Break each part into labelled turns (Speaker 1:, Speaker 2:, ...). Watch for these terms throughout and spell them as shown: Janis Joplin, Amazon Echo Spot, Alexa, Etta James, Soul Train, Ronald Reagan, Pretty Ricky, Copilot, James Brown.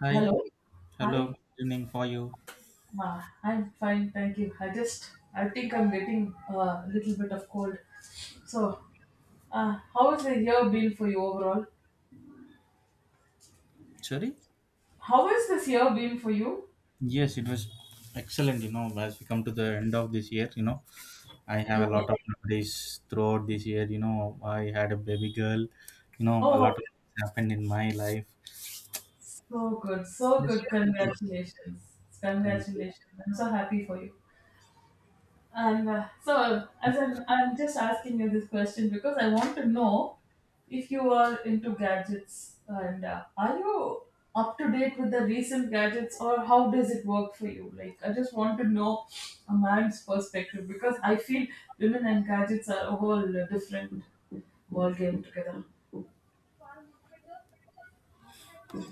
Speaker 1: Hi,
Speaker 2: Hello.
Speaker 1: hello,
Speaker 2: Hi.
Speaker 1: good evening for you.
Speaker 2: I'm fine, thank you. I think I'm getting a little bit of cold. So, how has the year been for you overall?
Speaker 1: Sorry?
Speaker 2: How has this year been for you?
Speaker 1: Yes, it was excellent, you know, as we come to the end of this year, you know, I have a lot
Speaker 2: Okay.
Speaker 1: of memories throughout this year, you know, I had a baby girl, you know, a lot
Speaker 2: Oh,
Speaker 1: of things happened in my life.
Speaker 2: so
Speaker 1: Yes,
Speaker 2: good. Congratulations.
Speaker 1: thank you.
Speaker 2: Congratulations. I'm so happy for you. As I'm just asking you this question because I want to know if you are into gadgets and are you up to date with the recent gadgets, or how does it work for you? Like, I just want to know a man's perspective because I feel women and gadgets are a whole different world game together.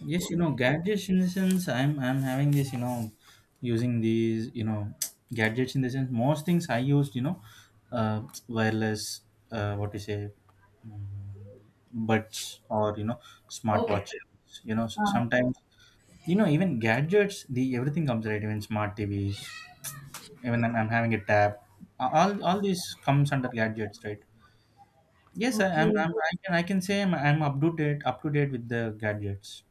Speaker 1: Yes, you know, gadgets in the sense I'm having this, you know, using these, you know, gadgets in the sense most things I used, you know, wireless, what to say, buds, or you know,
Speaker 2: Okay.
Speaker 1: smartwatches. You know,
Speaker 2: Uh,
Speaker 1: sometimes, you know, even gadgets, the everything comes right, even smart TVs. Even I'm having a tab. All these comes under gadgets, right? Yes,
Speaker 2: okay.
Speaker 1: I can say I'm up to date with the gadgets.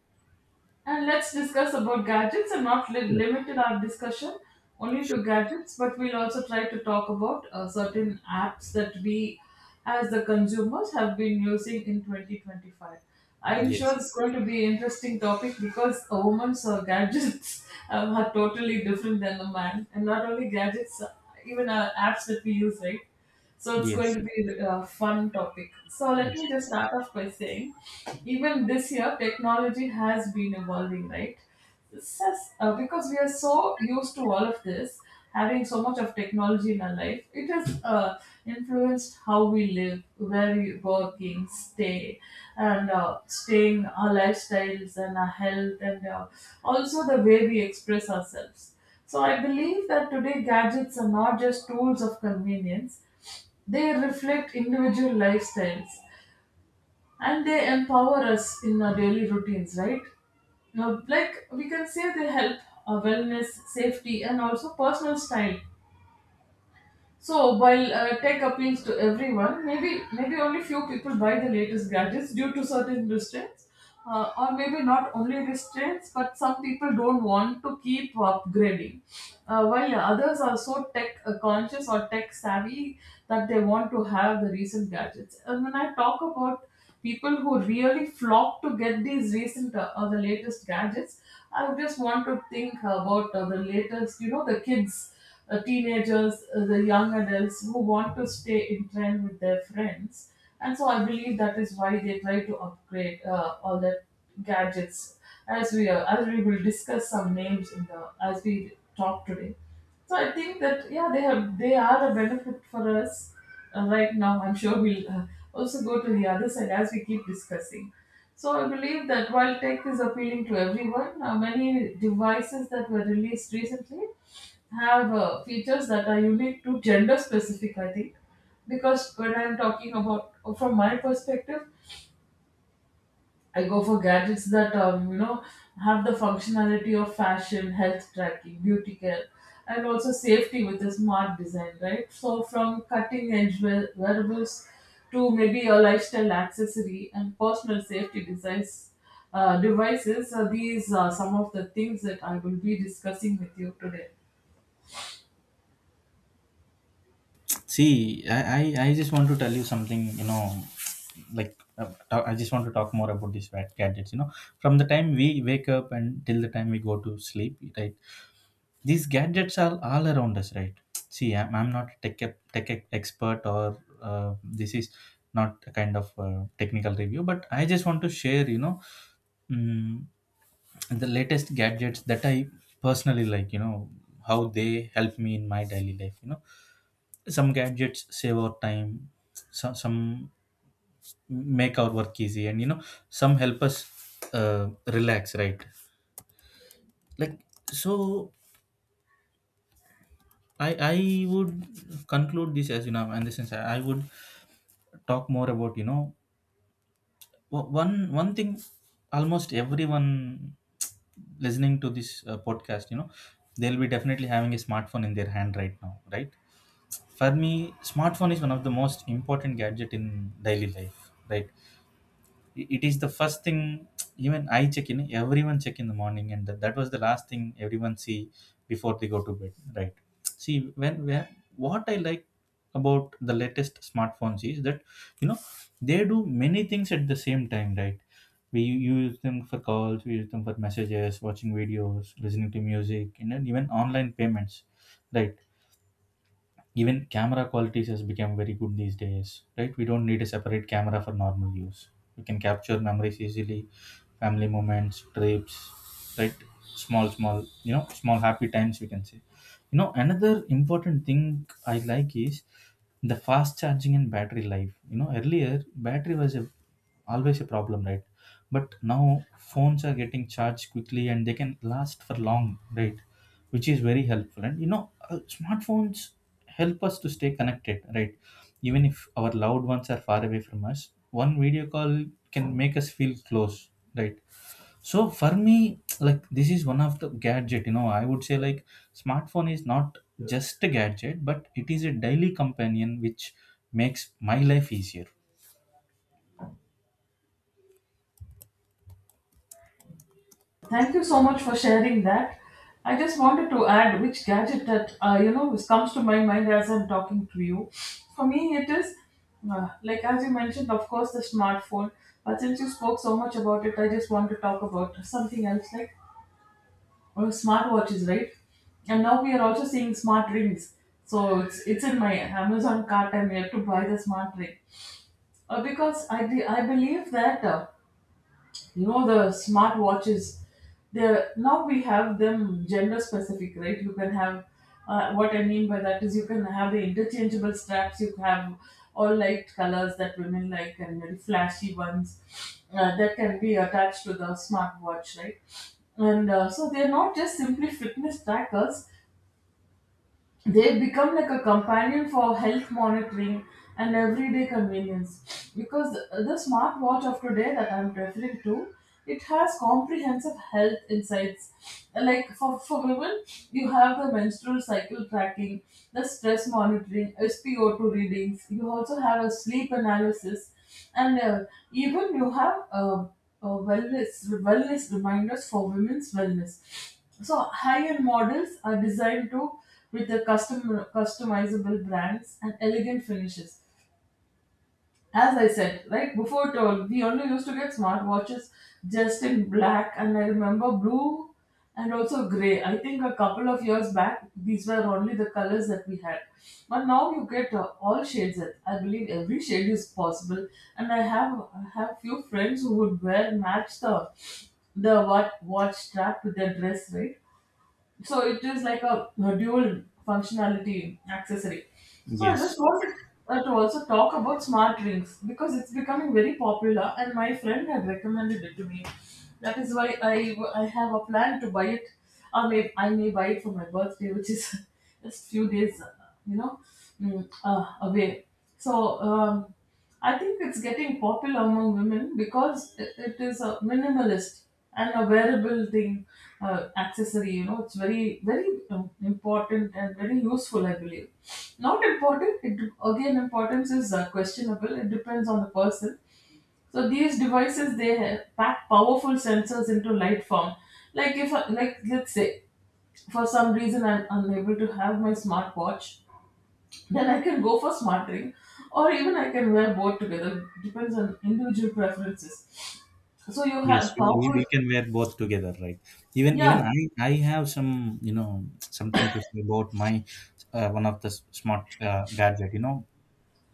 Speaker 2: And let's discuss about gadgets and not
Speaker 1: Sure.
Speaker 2: limited our discussion only
Speaker 1: Sure.
Speaker 2: to gadgets, but we'll also try to talk about certain apps that we as the consumers have been using in 2025. I'm sure
Speaker 1: Yes,
Speaker 2: it's going to be an interesting topic because a woman's gadgets are totally different than a man. And not only gadgets, even apps that we use, right? So it's going
Speaker 1: yes,
Speaker 2: to be a fun topic. So let me
Speaker 1: exactly.
Speaker 2: just start off by saying even this year technology has been evolving, right? Because we are so used to all of this, having so much of technology in our life, it has influenced how we live, where we working stay, and staying our lifestyles and our health, and also the way we express ourselves. So I believe that today, gadgets are not just tools of convenience, they reflect individual lifestyles, and they empower us in our daily routines, right? Now, like we can say, they help our wellness, safety, and also personal style. So while tech appeals to everyone, maybe only few people buy the latest gadgets due to certain restraints, or maybe not only restraints, but some people don't want to keep upgrading, while others are so tech conscious or tech savvy that they want to have the recent gadgets. And when I talk about people who really flock to get these recent or the latest gadgets, I just want to think about the latest, you know, the kids, teenagers, the young adults who want to stay in trend with their friends. And so I believe that is why they try to upgrade all the gadgets, as we will discuss some names in the as we talk today. So I think that yeah, they are a benefit for us right now. I'm sure we'll also go to the other side as we keep discussing. So I believe that while tech is appealing to everyone, many devices that were released recently have features that are unique to gender specific, I think, because when I'm talking about from my perspective, I go for gadgets that you know, have the functionality of fashion, health tracking, beauty care, and also safety with a smart design, right? So from cutting edge wearables to maybe a lifestyle accessory and personal safety designs, devices, these are some of the things that I will be discussing with you today.
Speaker 1: See, I just want to tell you something, you know, like, I just want to talk more about these gadgets, you know, from the time we wake up and till the time we go to sleep, right? These gadgets are all around us, right? See, I'm not a tech expert, or this is not a kind of technical review, but I just want to share, you know, mm, the latest gadgets that I personally like, you know, how they help me in my daily life. You know, some gadgets save our time, some make our work easy, and, you know, some help us relax, right? Like, so I would conclude this, as you know, and this is I would talk more about, you know, one thing. Almost everyone listening to this podcast, you know, they'll be definitely having a smartphone in their hand right now, right? For me, smartphone is one of the most important gadget in daily life, right? It is the first thing even I check in the morning, and that was the last thing everyone see before they go to bed, right? See, when what I like about the latest smartphones is that, you know, they do many things at the same time, right? We use them for calls, we use them for messages, watching videos, listening to music, and then even online payments, right? Even camera qualities has become very good these days, right? We don't need a separate camera for normal use. We can capture memories easily, family moments, trips, right? Small, you know, small happy times, we can say. You know, another important thing I like is the fast charging and battery life. You know, earlier always a problem, right? But now phones are getting charged quickly and they can last for long, right? Which is very helpful. And, you know, smartphones help us to stay connected, right? Even if our loved ones are far away from us, one video call can make us feel close, right? So for me, like, this is one of the gadget. You know, I would say, like, smartphone is not just a gadget, but it is a daily companion which makes my life easier.
Speaker 2: Thank you so much for sharing that. I just wanted to add which gadget that you know, which comes to my mind as I'm talking to you. For me, it is like as you mentioned, of course, the smartphone. But since you spoke so much about it, I just want to talk about something else, like smartwatches, right? And now we are also seeing smart rings. So it's in my Amazon cart. I'm yet to buy the smart ring because I believe that. You know, the smart watches, there now we have them gender specific, right? You can have, what I mean by that is you can have the interchangeable straps. You have all light colors that women like and very flashy ones that can be attached to the smart watch, right? And uh, so they're not just simply fitness trackers, they become like a companion for health monitoring and everyday convenience, because the smartwatch of today that I'm referring to, it has comprehensive health insights, like for women. You have the menstrual cycle tracking, the stress monitoring, spo2 readings. You also have a sleep analysis, and even you have wellness reminders for women's wellness. So high-end models are designed to with the customizable brands and elegant finishes. As I said, like before told, we only used to get smartwatches just in black, and I remember blue and also grey. I think a couple of years back, these were only the colors that we had. But now you get all shades. That I believe every shade is possible. And I have few friends who would wear match the what watch strap to their dress, right? So it is like a dual functionality accessory. So I
Speaker 1: Yes.
Speaker 2: just wanted to also talk about smart rings, because it's becoming very popular and my friend had recommended it to me. That is why I have a plan to buy it. Or I may buy it for my birthday, which is just few days, you know, away. So I think it's getting popular among women because it is a minimalist and a wearable thing, accessory. You know, it's very important and very useful, I believe. Not important. It, again, importance is questionable. It depends on the person. So these devices, they have pack powerful sensors into light form. Like if, I- like let's say, for some reason I'm unable to have my smartwatch, then I can go for smart ring, or even I can wear both together. Depends on individual preferences. So you
Speaker 1: Yes,
Speaker 2: have
Speaker 1: we, we
Speaker 2: powerful,
Speaker 1: we can wear both together, right? Even
Speaker 2: yeah.
Speaker 1: even I have some, you know, something to say about my one of the smart gadget. You know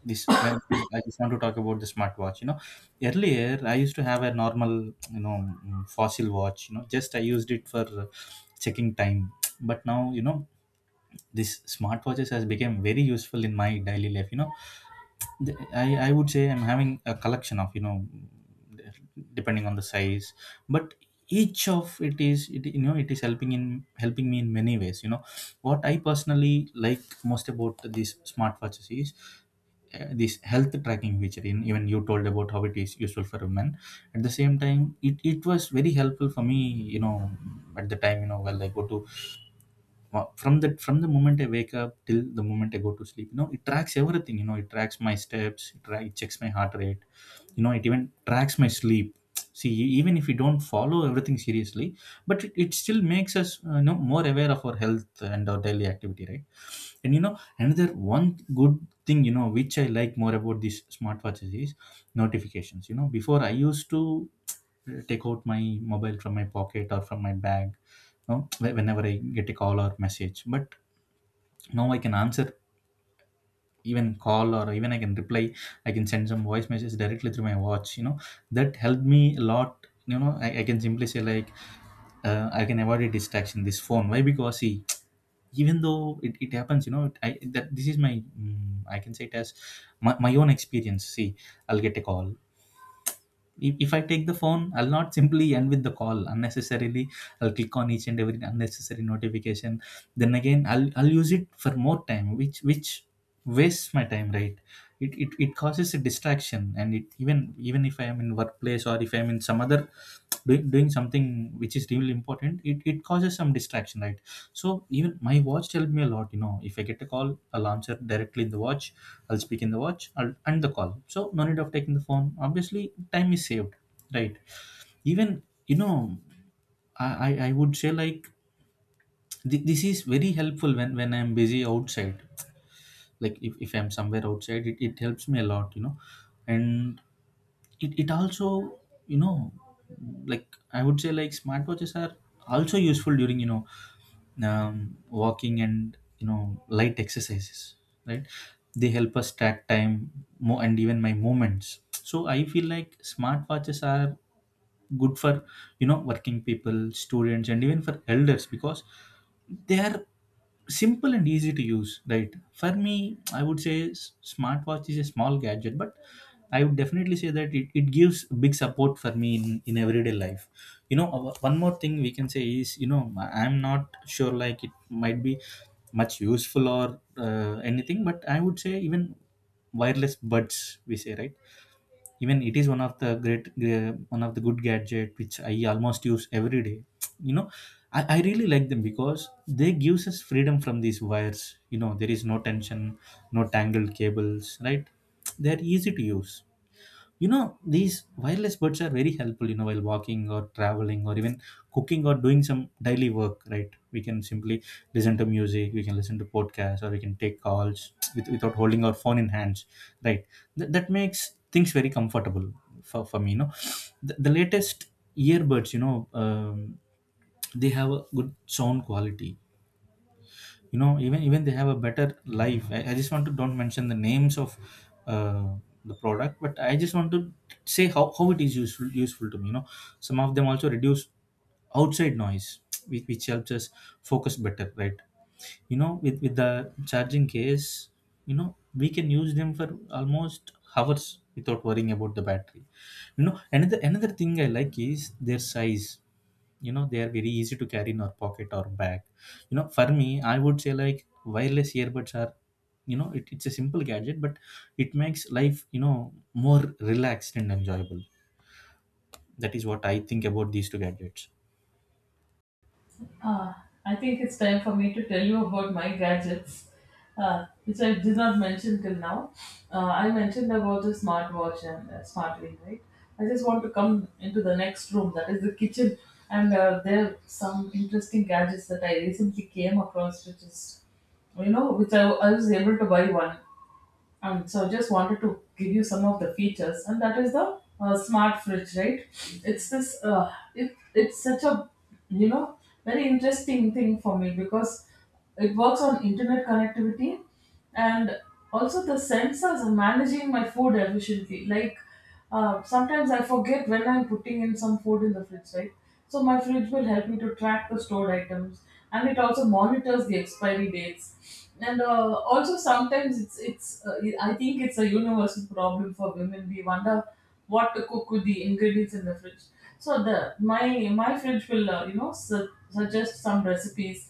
Speaker 1: this. Well, I just want to talk about the smartwatch. You know, earlier I used to have a normal, you know, fossil watch. You know, just I used it for checking time. But now, you know, this smartwatches has become very useful in my daily life. You know, I would say I'm having a collection of, you know, depending on the size, but each of it is it, you know, it is helping me in many ways. You know, what I personally like most about these smartwatches is this health tracking feature in. Even you told about how it is useful for women. At the same time, it was very helpful for me, you know, at the time, you know, while I go to from the moment I wake up till the moment I go to sleep, you know, it tracks everything. You know, it tracks my steps, it checks my heart rate, you know, it even tracks my sleep. See, even if we don't follow everything seriously, but it still makes us, you know, more aware of our health and our daily activity, right? And, you know, another one good thing, you know, which I like more about these smartwatches is notifications. You know, before I used to take out my mobile from my pocket or from my bag, you know, whenever I get a call or message, but now I can answer even call, or even I can reply. I can send some voice message directly through my watch. You know, that helped me a lot. You know, I can simply say like, I can avoid a distraction, this phone. Why? Because, see, even though it happens, you know, I that this is my, I can say it as my own experience. See, I'll get a call. If if, I take the phone, I'll not simply end with the call, unnecessarily I'll click on each and every unnecessary notification. Then again I'll use it for more time, which wastes my time, right? It causes a distraction, and it even even if I am in workplace, or if I'm in some other, doing something which is really important, it causes some distraction, right? So even my watch helped me a lot. You know, if I get a call, I'll answer directly in the watch, I'll speak in the watch, I'll end the call, so no need of taking the phone, obviously time is saved, right? Even, you know, I would say like this is very helpful when I'm busy outside. Like, if I'm somewhere outside, it helps me a lot, you know. And it also, you know, like, I would say, like, smartwatches are also useful during, you know, walking and, you know, light exercises, right? They help us track time more and even my movements. So I feel like smartwatches are good for, you know, working people, students, and even for elders, because they are simple and easy to use, right? For me, I would say smartwatch is a small gadget, but I would definitely say that it gives big support for me in everyday life. You know, one more thing we can say is, you know, I'm not sure, like, it might be much useful or anything, but I would say even wireless buds we say, right? Even it is one of the great, one of the good gadget which I almost use every day. You know, I really like them because they gives us freedom from these wires. You know, there is no tension, no tangled cables, right? They're easy to use. You know, these wireless buds are very helpful, you know, while walking or traveling, or even cooking or doing some daily work, right? We can simply listen to music, we can listen to podcasts, or we can take calls without holding our phone in hands, right? That makes things very comfortable for me. You know, the latest earbuds, you know, they have a good sound quality. You know, even they have a better life. I just want to don't mention the names of uh, the product, but I just want to say how it is useful to me. You know, some of them also reduce outside noise, which helps us focus better, right? You know, with the charging case, you know, we can use them for almost hours without worrying about the battery. You know, another thing I like is their size. You know, they are very easy to carry in our pocket or bag. You know, for me, I would say, like, wireless earbuds are, you know, it, it's a simple gadget, but it makes life, you know, more relaxed and enjoyable. That is what I think about these two gadgets.
Speaker 2: Uh, I think it's time for me to tell you about my gadgets, which I did not mention till now. I mentioned about the smartwatch and smart ring, right? I just want to come into the next room, that is the kitchen, and there are some interesting gadgets that I recently came across, which is, you know, which I was able to buy one. And so I just wanted to give you some of the features, and that is the smart fridge, right? It's it's such a, you know, very interesting thing for me because it works on internet connectivity and also the sensors are managing my food efficiently. Like sometimes I forget when I'm putting in some food in the fridge, right? So my fridge will help me to track the stored items, and it also monitors the expiry dates. And also sometimes it's I think it's a universal problem for women. We wonder what to cook with the ingredients in the fridge. So the my my fridge will you know, suggest some recipes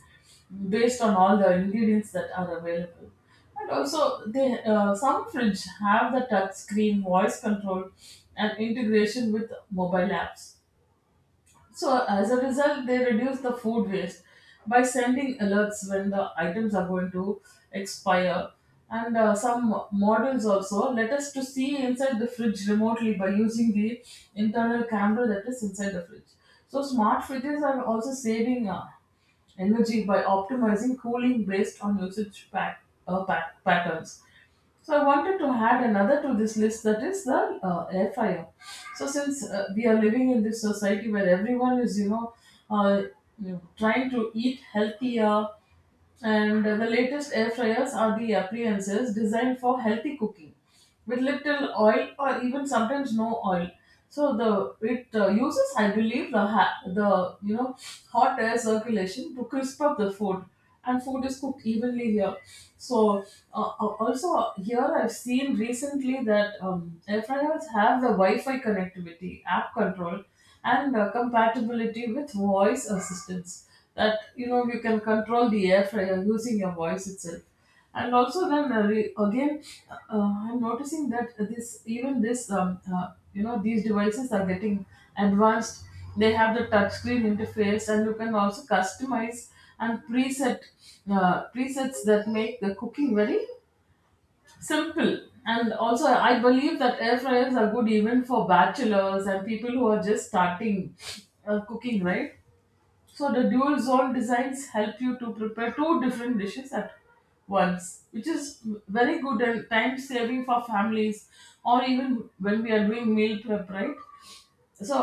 Speaker 2: based on all the ingredients that are available. And also, they some fridge have the touch screen voice control and integration with mobile apps. So as a result, they reduce the food waste by sending alerts when the items are going to expire. And some models also let us to see inside the fridge remotely by using the internal camera that is inside the fridge. So smart fridges are also saving energy by optimizing cooling based on usage pack, pat patterns. So I wanted to add another to this list, that is the air fryer. So since we are living in this society where everyone is, you know, uh, trying to eat healthier, and the latest air fryers are the appliances designed for healthy cooking with little oil, or even sometimes no oil. So the it uses, I believe, the you know, hot air circulation to crisp up the food, and food is cooked evenly here. So also here I've seen recently that air fryers have the Wi-Fi connectivity, app control and compatibility with voice assistance that you can control the air fryer using your voice itself, and also then re- again I'm noticing that this even this you know these devices are getting advanced. They have the touchscreen interface and you can also customize and presets that make the cooking very simple. And also I believe that air fryers are good even for bachelors and people who are just starting cooking, right? So the dual zone designs help you to prepare two different dishes at once, which is very good and time saving for families or even when we are doing meal prep, right? So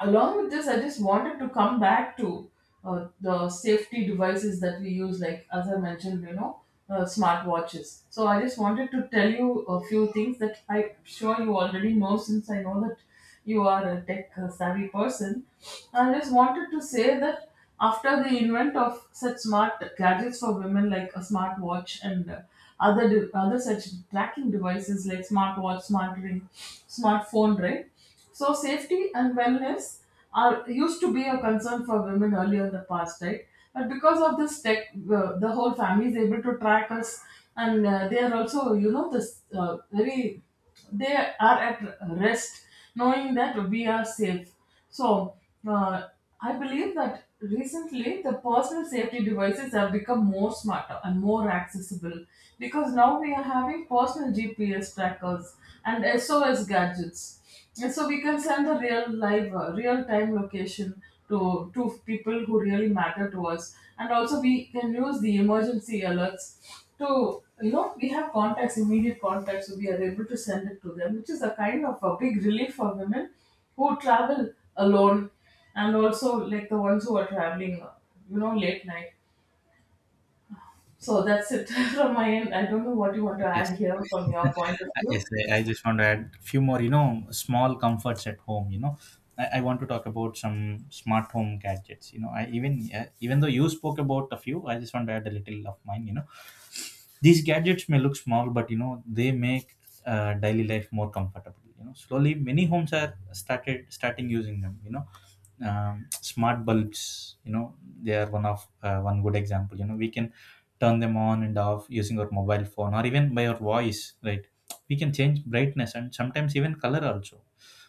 Speaker 2: along with this, I just wanted to come back to the safety devices that we use, like as I mentioned, smartwatches. So I just wanted to tell you a few things that I'm sure you already know, since I know that you are a tech savvy person. I just wanted to say that after the invent of such smart gadgets for women like a smartwatch and other such tracking devices like smartwatch, smart ring, smartphone, right? So safety and wellness are used to be a concern for women earlier in the past, right? But because of this tech, the whole family is able to track us, and they are also, you know, this very they are at rest knowing that we are safe. So, uh, I believe that recently the personal safety devices have become more smarter and more accessible, because now we are having personal GPS trackers and SOS gadgets. And so we can send the real time location to people who really matter to us. And also we can use the emergency alerts to, you know, we have contacts, immediate contacts, so we are able to send it to them, which is a kind of a big relief for women who travel alone and also like the ones who are traveling late night. So that's it from my end. I don't know what you want to add
Speaker 1: Yes.
Speaker 2: here from your point of
Speaker 1: Yes,
Speaker 2: view.
Speaker 1: I just want to add few more, you know, small comforts at home. You know, I want to talk about some smart home gadgets. You know, I even, even though you spoke about a few, I just want to add a little of mine. You know, these gadgets may look small, but, you know, they make daily life more comfortable. You know, slowly many homes are started starting using them. You know, smart bulbs. You know, they are one good example. You know, we can turn them on and off using our mobile phone or even by our voice. Right, we can change brightness and sometimes even color also.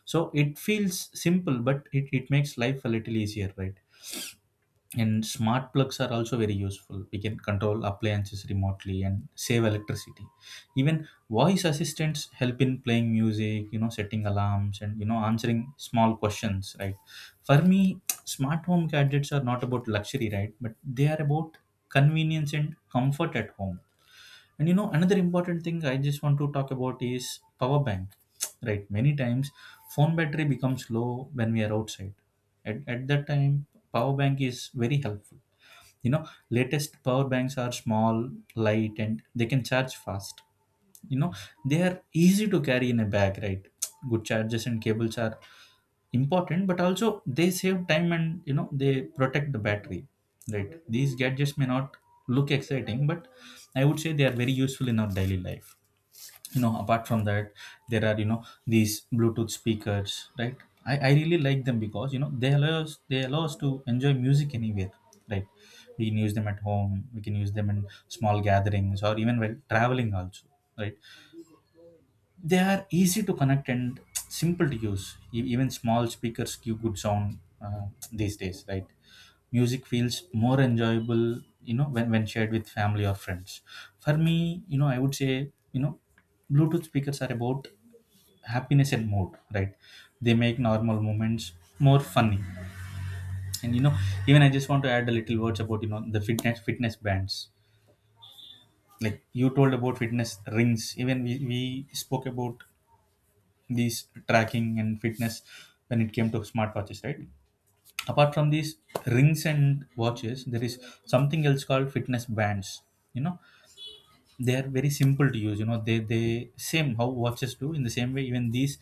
Speaker 1: So it feels simple, but it makes life a little easier, right? And smart plugs are also very useful. We can control appliances remotely and save electricity. Even voice assistants help in playing music, you know, setting alarms and, you know, answering small questions, right? For me, smart home gadgets are not about luxury, right? But they are about convenience and comfort at home. And, you know, another important thing I just want to talk about is power bank, right? Many times phone battery becomes low when we are outside. At that time, power bank is very helpful, you know. Latest power banks are small, light, and they can charge fast, you know. They are easy to carry in a bag, right? Good chargers and cables are important, but also they save time, and you know, they protect the battery, right? These gadgets may not look exciting, but I would say they are very useful in our daily life, you know. Apart from that, there are, you know, these Bluetooth speakers, right? I really like them because, you know, they allow us to enjoy music anywhere, right? We can use them at home, we can use them in small gatherings, or even while traveling also, right? They are easy to connect and simple to use. Even small speakers give good sound, uh, these days, right? Music feels more enjoyable, you know, when shared with family or friends. For me, you know, I would say, you know, Bluetooth speakers are about happiness and mood, right? They make normal moments more funny. And, you know, even I just want to add a little words about, you know, the fitness bands. Like you told about fitness rings, even we spoke about these tracking and fitness when it came to smartwatches, right? Apart from these rings and watches, there is something else called fitness bands, you know. They are very simple to use, you know, they same how watches do. In the same way, even these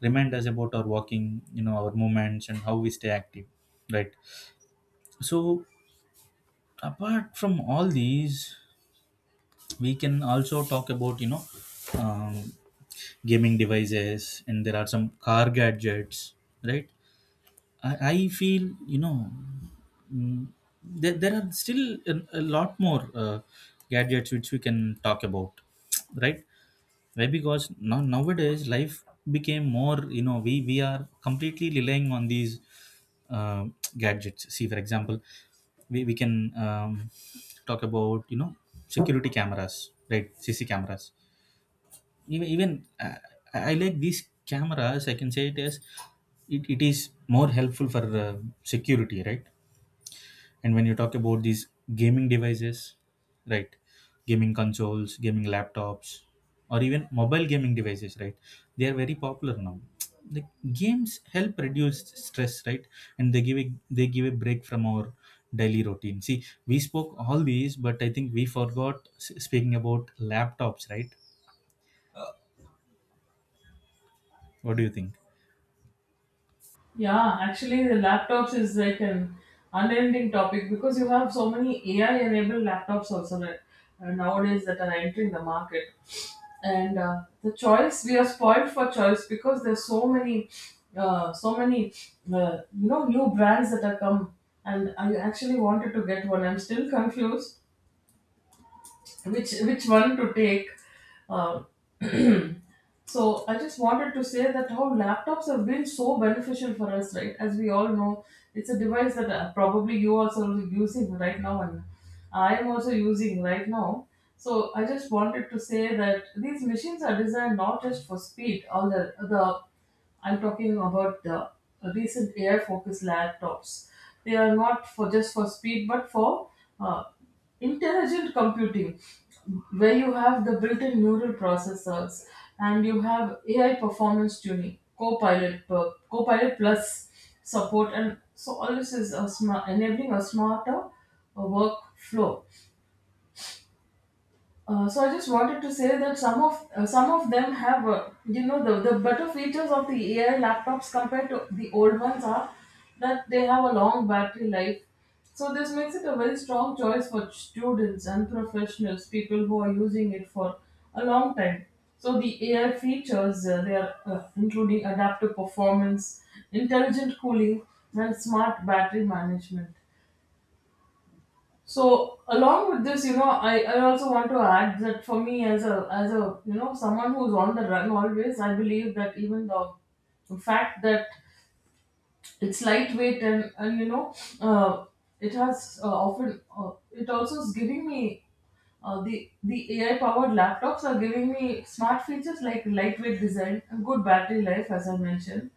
Speaker 1: remind us about our walking, you know, our movements, and how we stay active, right? So apart from all these, we can also talk about, you know, um, gaming devices, and there are some car gadgets, right? I feel, you know, mm, there are still a lot more gadgets which we can talk about, right? Why? Because now, nowadays life became more, you know, we are completely relying on these, uh, gadgets. See, for example, we can, um, talk about, you know, security cameras, right? CC cameras, even, even uh, I like these cameras. I can say it as it is more helpful for security, right? And when you talk about these gaming devices, right, gaming consoles, gaming laptops, or even mobile gaming devices, right, they are very popular now. The games help reduce stress, right, and they give a break from our daily routine. See, we spoke all these, but I think we forgot speaking about laptops, right? What do you think?
Speaker 2: Yeah, actually, the laptops is like an unending topic, because you have so many AI enabled laptops also that, nowadays, that are entering the market. And the choice, we are spoiled for choice because there's so many, new brands that are come. And I actually wanted to get one. I'm still confused which one to take. Uh, so I just wanted to say that how laptops have been so beneficial for us, right? As we all know, it's a device that probably you also are using right now, and I am also using right now. So I just wanted to say that these machines are designed not just for speed, all the I'm talking about the recent AI focused laptops. They are not for just for speed, but for uh, intelligent computing, where you have the built-in neural processors and you have AI performance tuning, Copilot Plus support, and so all this is a smart, enabling a smarter workflow. So I just wanted to say that some of them have the better features of the AI laptops compared to the old ones, are that they have a long battery life. So this makes it a very strong choice for students and professionals, people who are using it for a long time. So the AI features they are including adaptive performance, intelligent cooling, and smart battery management. So along with this, I also want to add that for me as a you know, someone who's on the run always, I believe that even the fact that it's lightweight and you know uh, it has often it also is giving me the AI powered laptops are giving me smart features like lightweight design and good battery life, as I mentioned,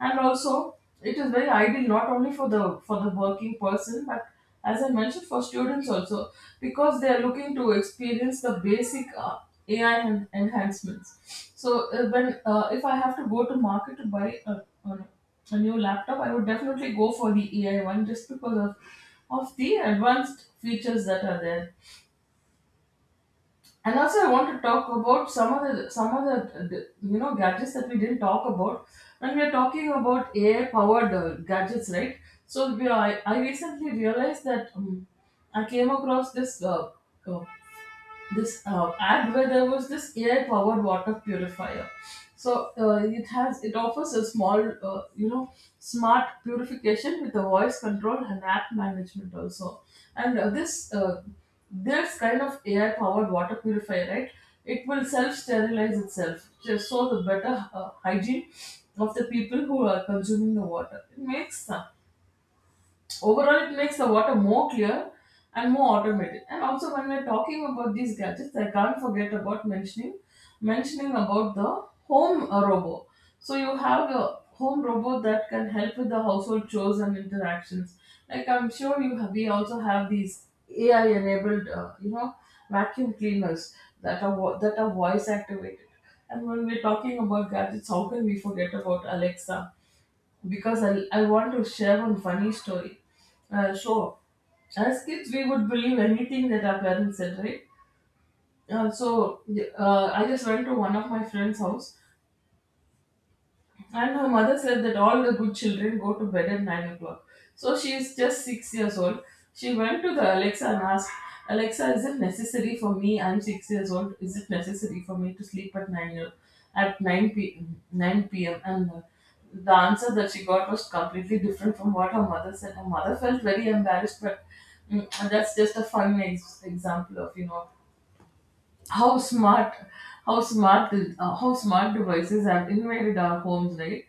Speaker 2: and also it is very ideal not only for the working person but, as I mentioned, for students also, because they are looking to experience the basic enhancements. So when if I have to go to market to buy a a new laptop, I would definitely go for the AI one just because of the advanced features that are there. And also, I want to talk about some of you know, gadgets that we didn't talk about when we are talking about AI powered gadgets, right? I recently realized that I came across uh, this ad where there was this AI powered water purifier. So it offers a small smart purification with a voice control and app management also. And this kind of AI powered water purifier, right? It will self sterilize itself, just so the better hygiene of the people who are consuming the water. It makes sense. Overall, it makes the water more clear and more automated. And also, when we're talking about these gadgets, I can't forget about mentioning about the home robo. So you have a home robo that can help with the household chores and interactions. Like I'm sure you have, we also have these AI enabled, vacuum cleaners that are voice activated. And when we're talking about gadgets, how can we forget about Alexa? Because I want to share one funny story. Uh, so, as kids, we would believe anything that our parents said, right? Uh, so, I just went to one of my friend's house and her mother said that all the good children go to bed at 9 o'clock. So she is just 6 years old. She went to the Alexa and asked, Alexa, is it necessary for me? I'm 6 years old. Is it necessary for me to sleep at 9, 9 p.m.? And the answer that she got was completely different from what her mother said. Her mother felt very embarrassed, but that's just a example of, you know, how smart how smart devices have invaded our homes, right?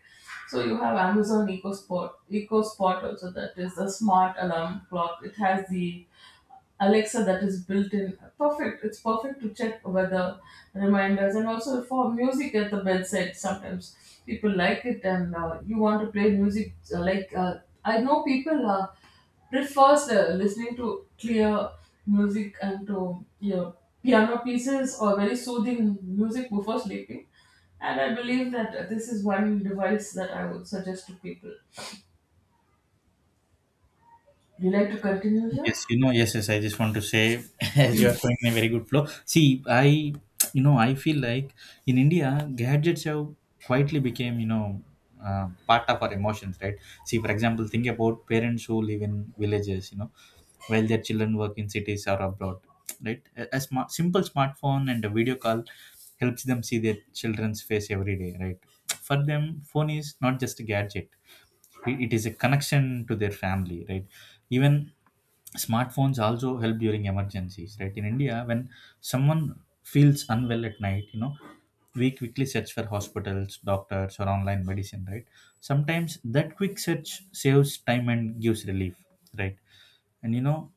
Speaker 2: So you have Amazon Eco Spot also, that is a smart alarm clock. It has the Alexa that is built in. Perfect. It's perfect to check weather reminders and also for music at the bedside. Sometimes people like it and you want to play music. I know people prefers listening to clear music and to, you know, piano pieces or very soothing music before sleeping. And I believe that this is one device that I would suggest to people. Would you like to continue here?
Speaker 1: Yes, you know, yes, yes. I just want to say, as you are going in a very good flow. See, I, you know, I feel like in India, gadgets have quietly became, you know, part of our emotions, right? See, for example, think about parents who live in villages, you know, while their children work in cities or abroad, right? Simple smartphone and a video call helps them see their children's face every day, right? For them, phone is not just a gadget, it is a connection to their family, right? Even smartphones also help during emergencies, right? In India, when someone feels unwell at night, you know, we quickly search for hospitals, doctors, or online medicine, right? Sometimes that quick search saves time and gives relief, right? And you know,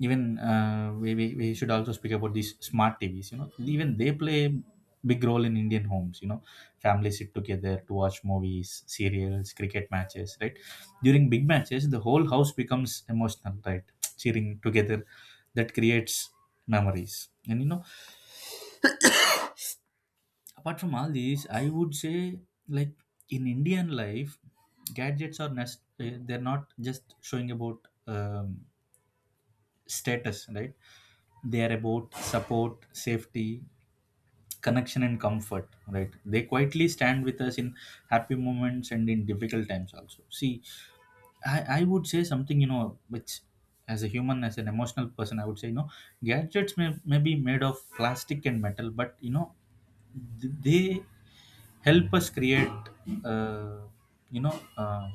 Speaker 1: even we should also speak about these smart TVs, you know. Even they play a big role in Indian homes, you know. Families sit together to watch movies, serials, cricket matches, right? During big matches, the whole house becomes emotional, right. Cheering together, that creates memories. And you know, apart from all these, I would say, like, in Indian life, gadgets are they're not just showing about, um, status, right? They are about support, safety, connection, and comfort, right? They quietly stand with us in happy moments and in difficult times also. See, I would say something, you know, which, as a human, as an emotional person, I would say, you know, gadgets may be made of plastic and metal, but you know, they help us create uh, you know,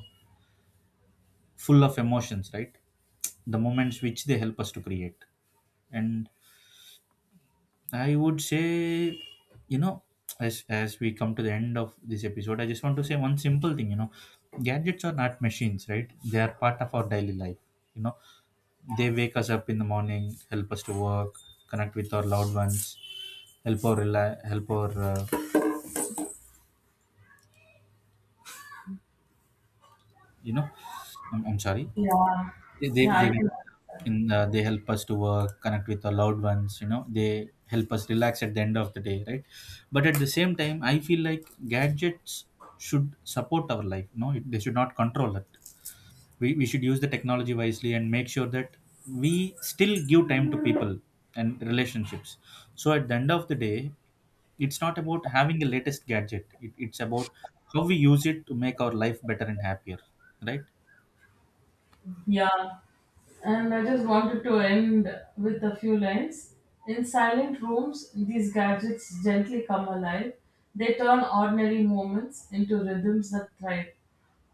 Speaker 1: full of emotions, right? The moments which they help us to create. And I would say, you know, as we come to the end of this episode, I just want to say one simple thing. You know, gadgets are not machines, right? They are part of our daily life. You know, they wake us up in the morning, help us to work, connect with our loved ones, help our, you know, I'm sorry.
Speaker 2: Yeah. Yeah,
Speaker 1: They
Speaker 2: I
Speaker 1: wake
Speaker 2: can.
Speaker 1: us up in they help us to work, connect with our loved ones. You know, they help us relax at the end of the day, right? But at the same time, I feel like gadgets should support our life. No, they should not control it. We should use the technology wisely and make sure that we still give time to people and relationships. So at the end of the day, it's not about having the latest gadget. It's about how we use it to make our life better and happier, right?
Speaker 2: Yeah. And I just wanted to end with a few lines. In silent rooms, these gadgets gently come alive. They turn ordinary moments into rhythms that thrive.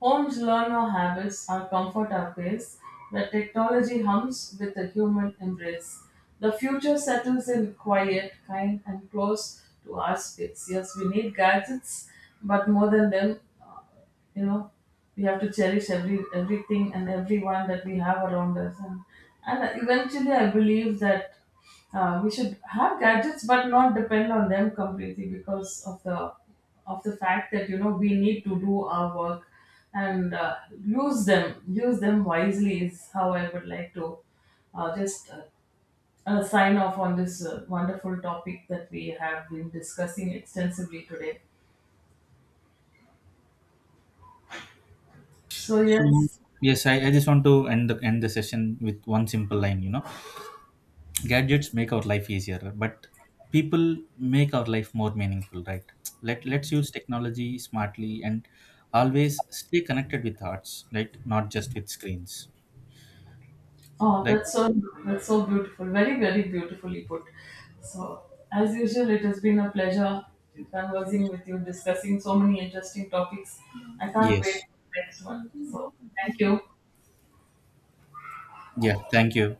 Speaker 2: Homes learn our habits, our comfort, our pace. The technology hums with a human embrace. The future settles in quiet, kind, and close to our space. Yes, we need gadgets, but more than them, you know, we have to cherish everything and everyone that we have around us, and eventually I believe that we should have gadgets but not depend on them completely, because of the fact that, you know, we need to do our work, and use them wisely is how I would like to just sign off on this wonderful topic that we have been discussing extensively today. So yes.
Speaker 1: Yes, I just want to end the session with one simple line, you know. Gadgets make our life easier, but people make our life more meaningful, right? Let's use technology smartly and always stay connected with arts, right? Not just with screens.
Speaker 2: Oh,
Speaker 1: Right?
Speaker 2: that's so beautiful. Very, very beautifully put. So, as usual, it has been a pleasure conversing with you, discussing so many interesting topics. I can't wait
Speaker 1: Yes.
Speaker 2: for the next one. So, thank you.
Speaker 1: Yeah, thank you.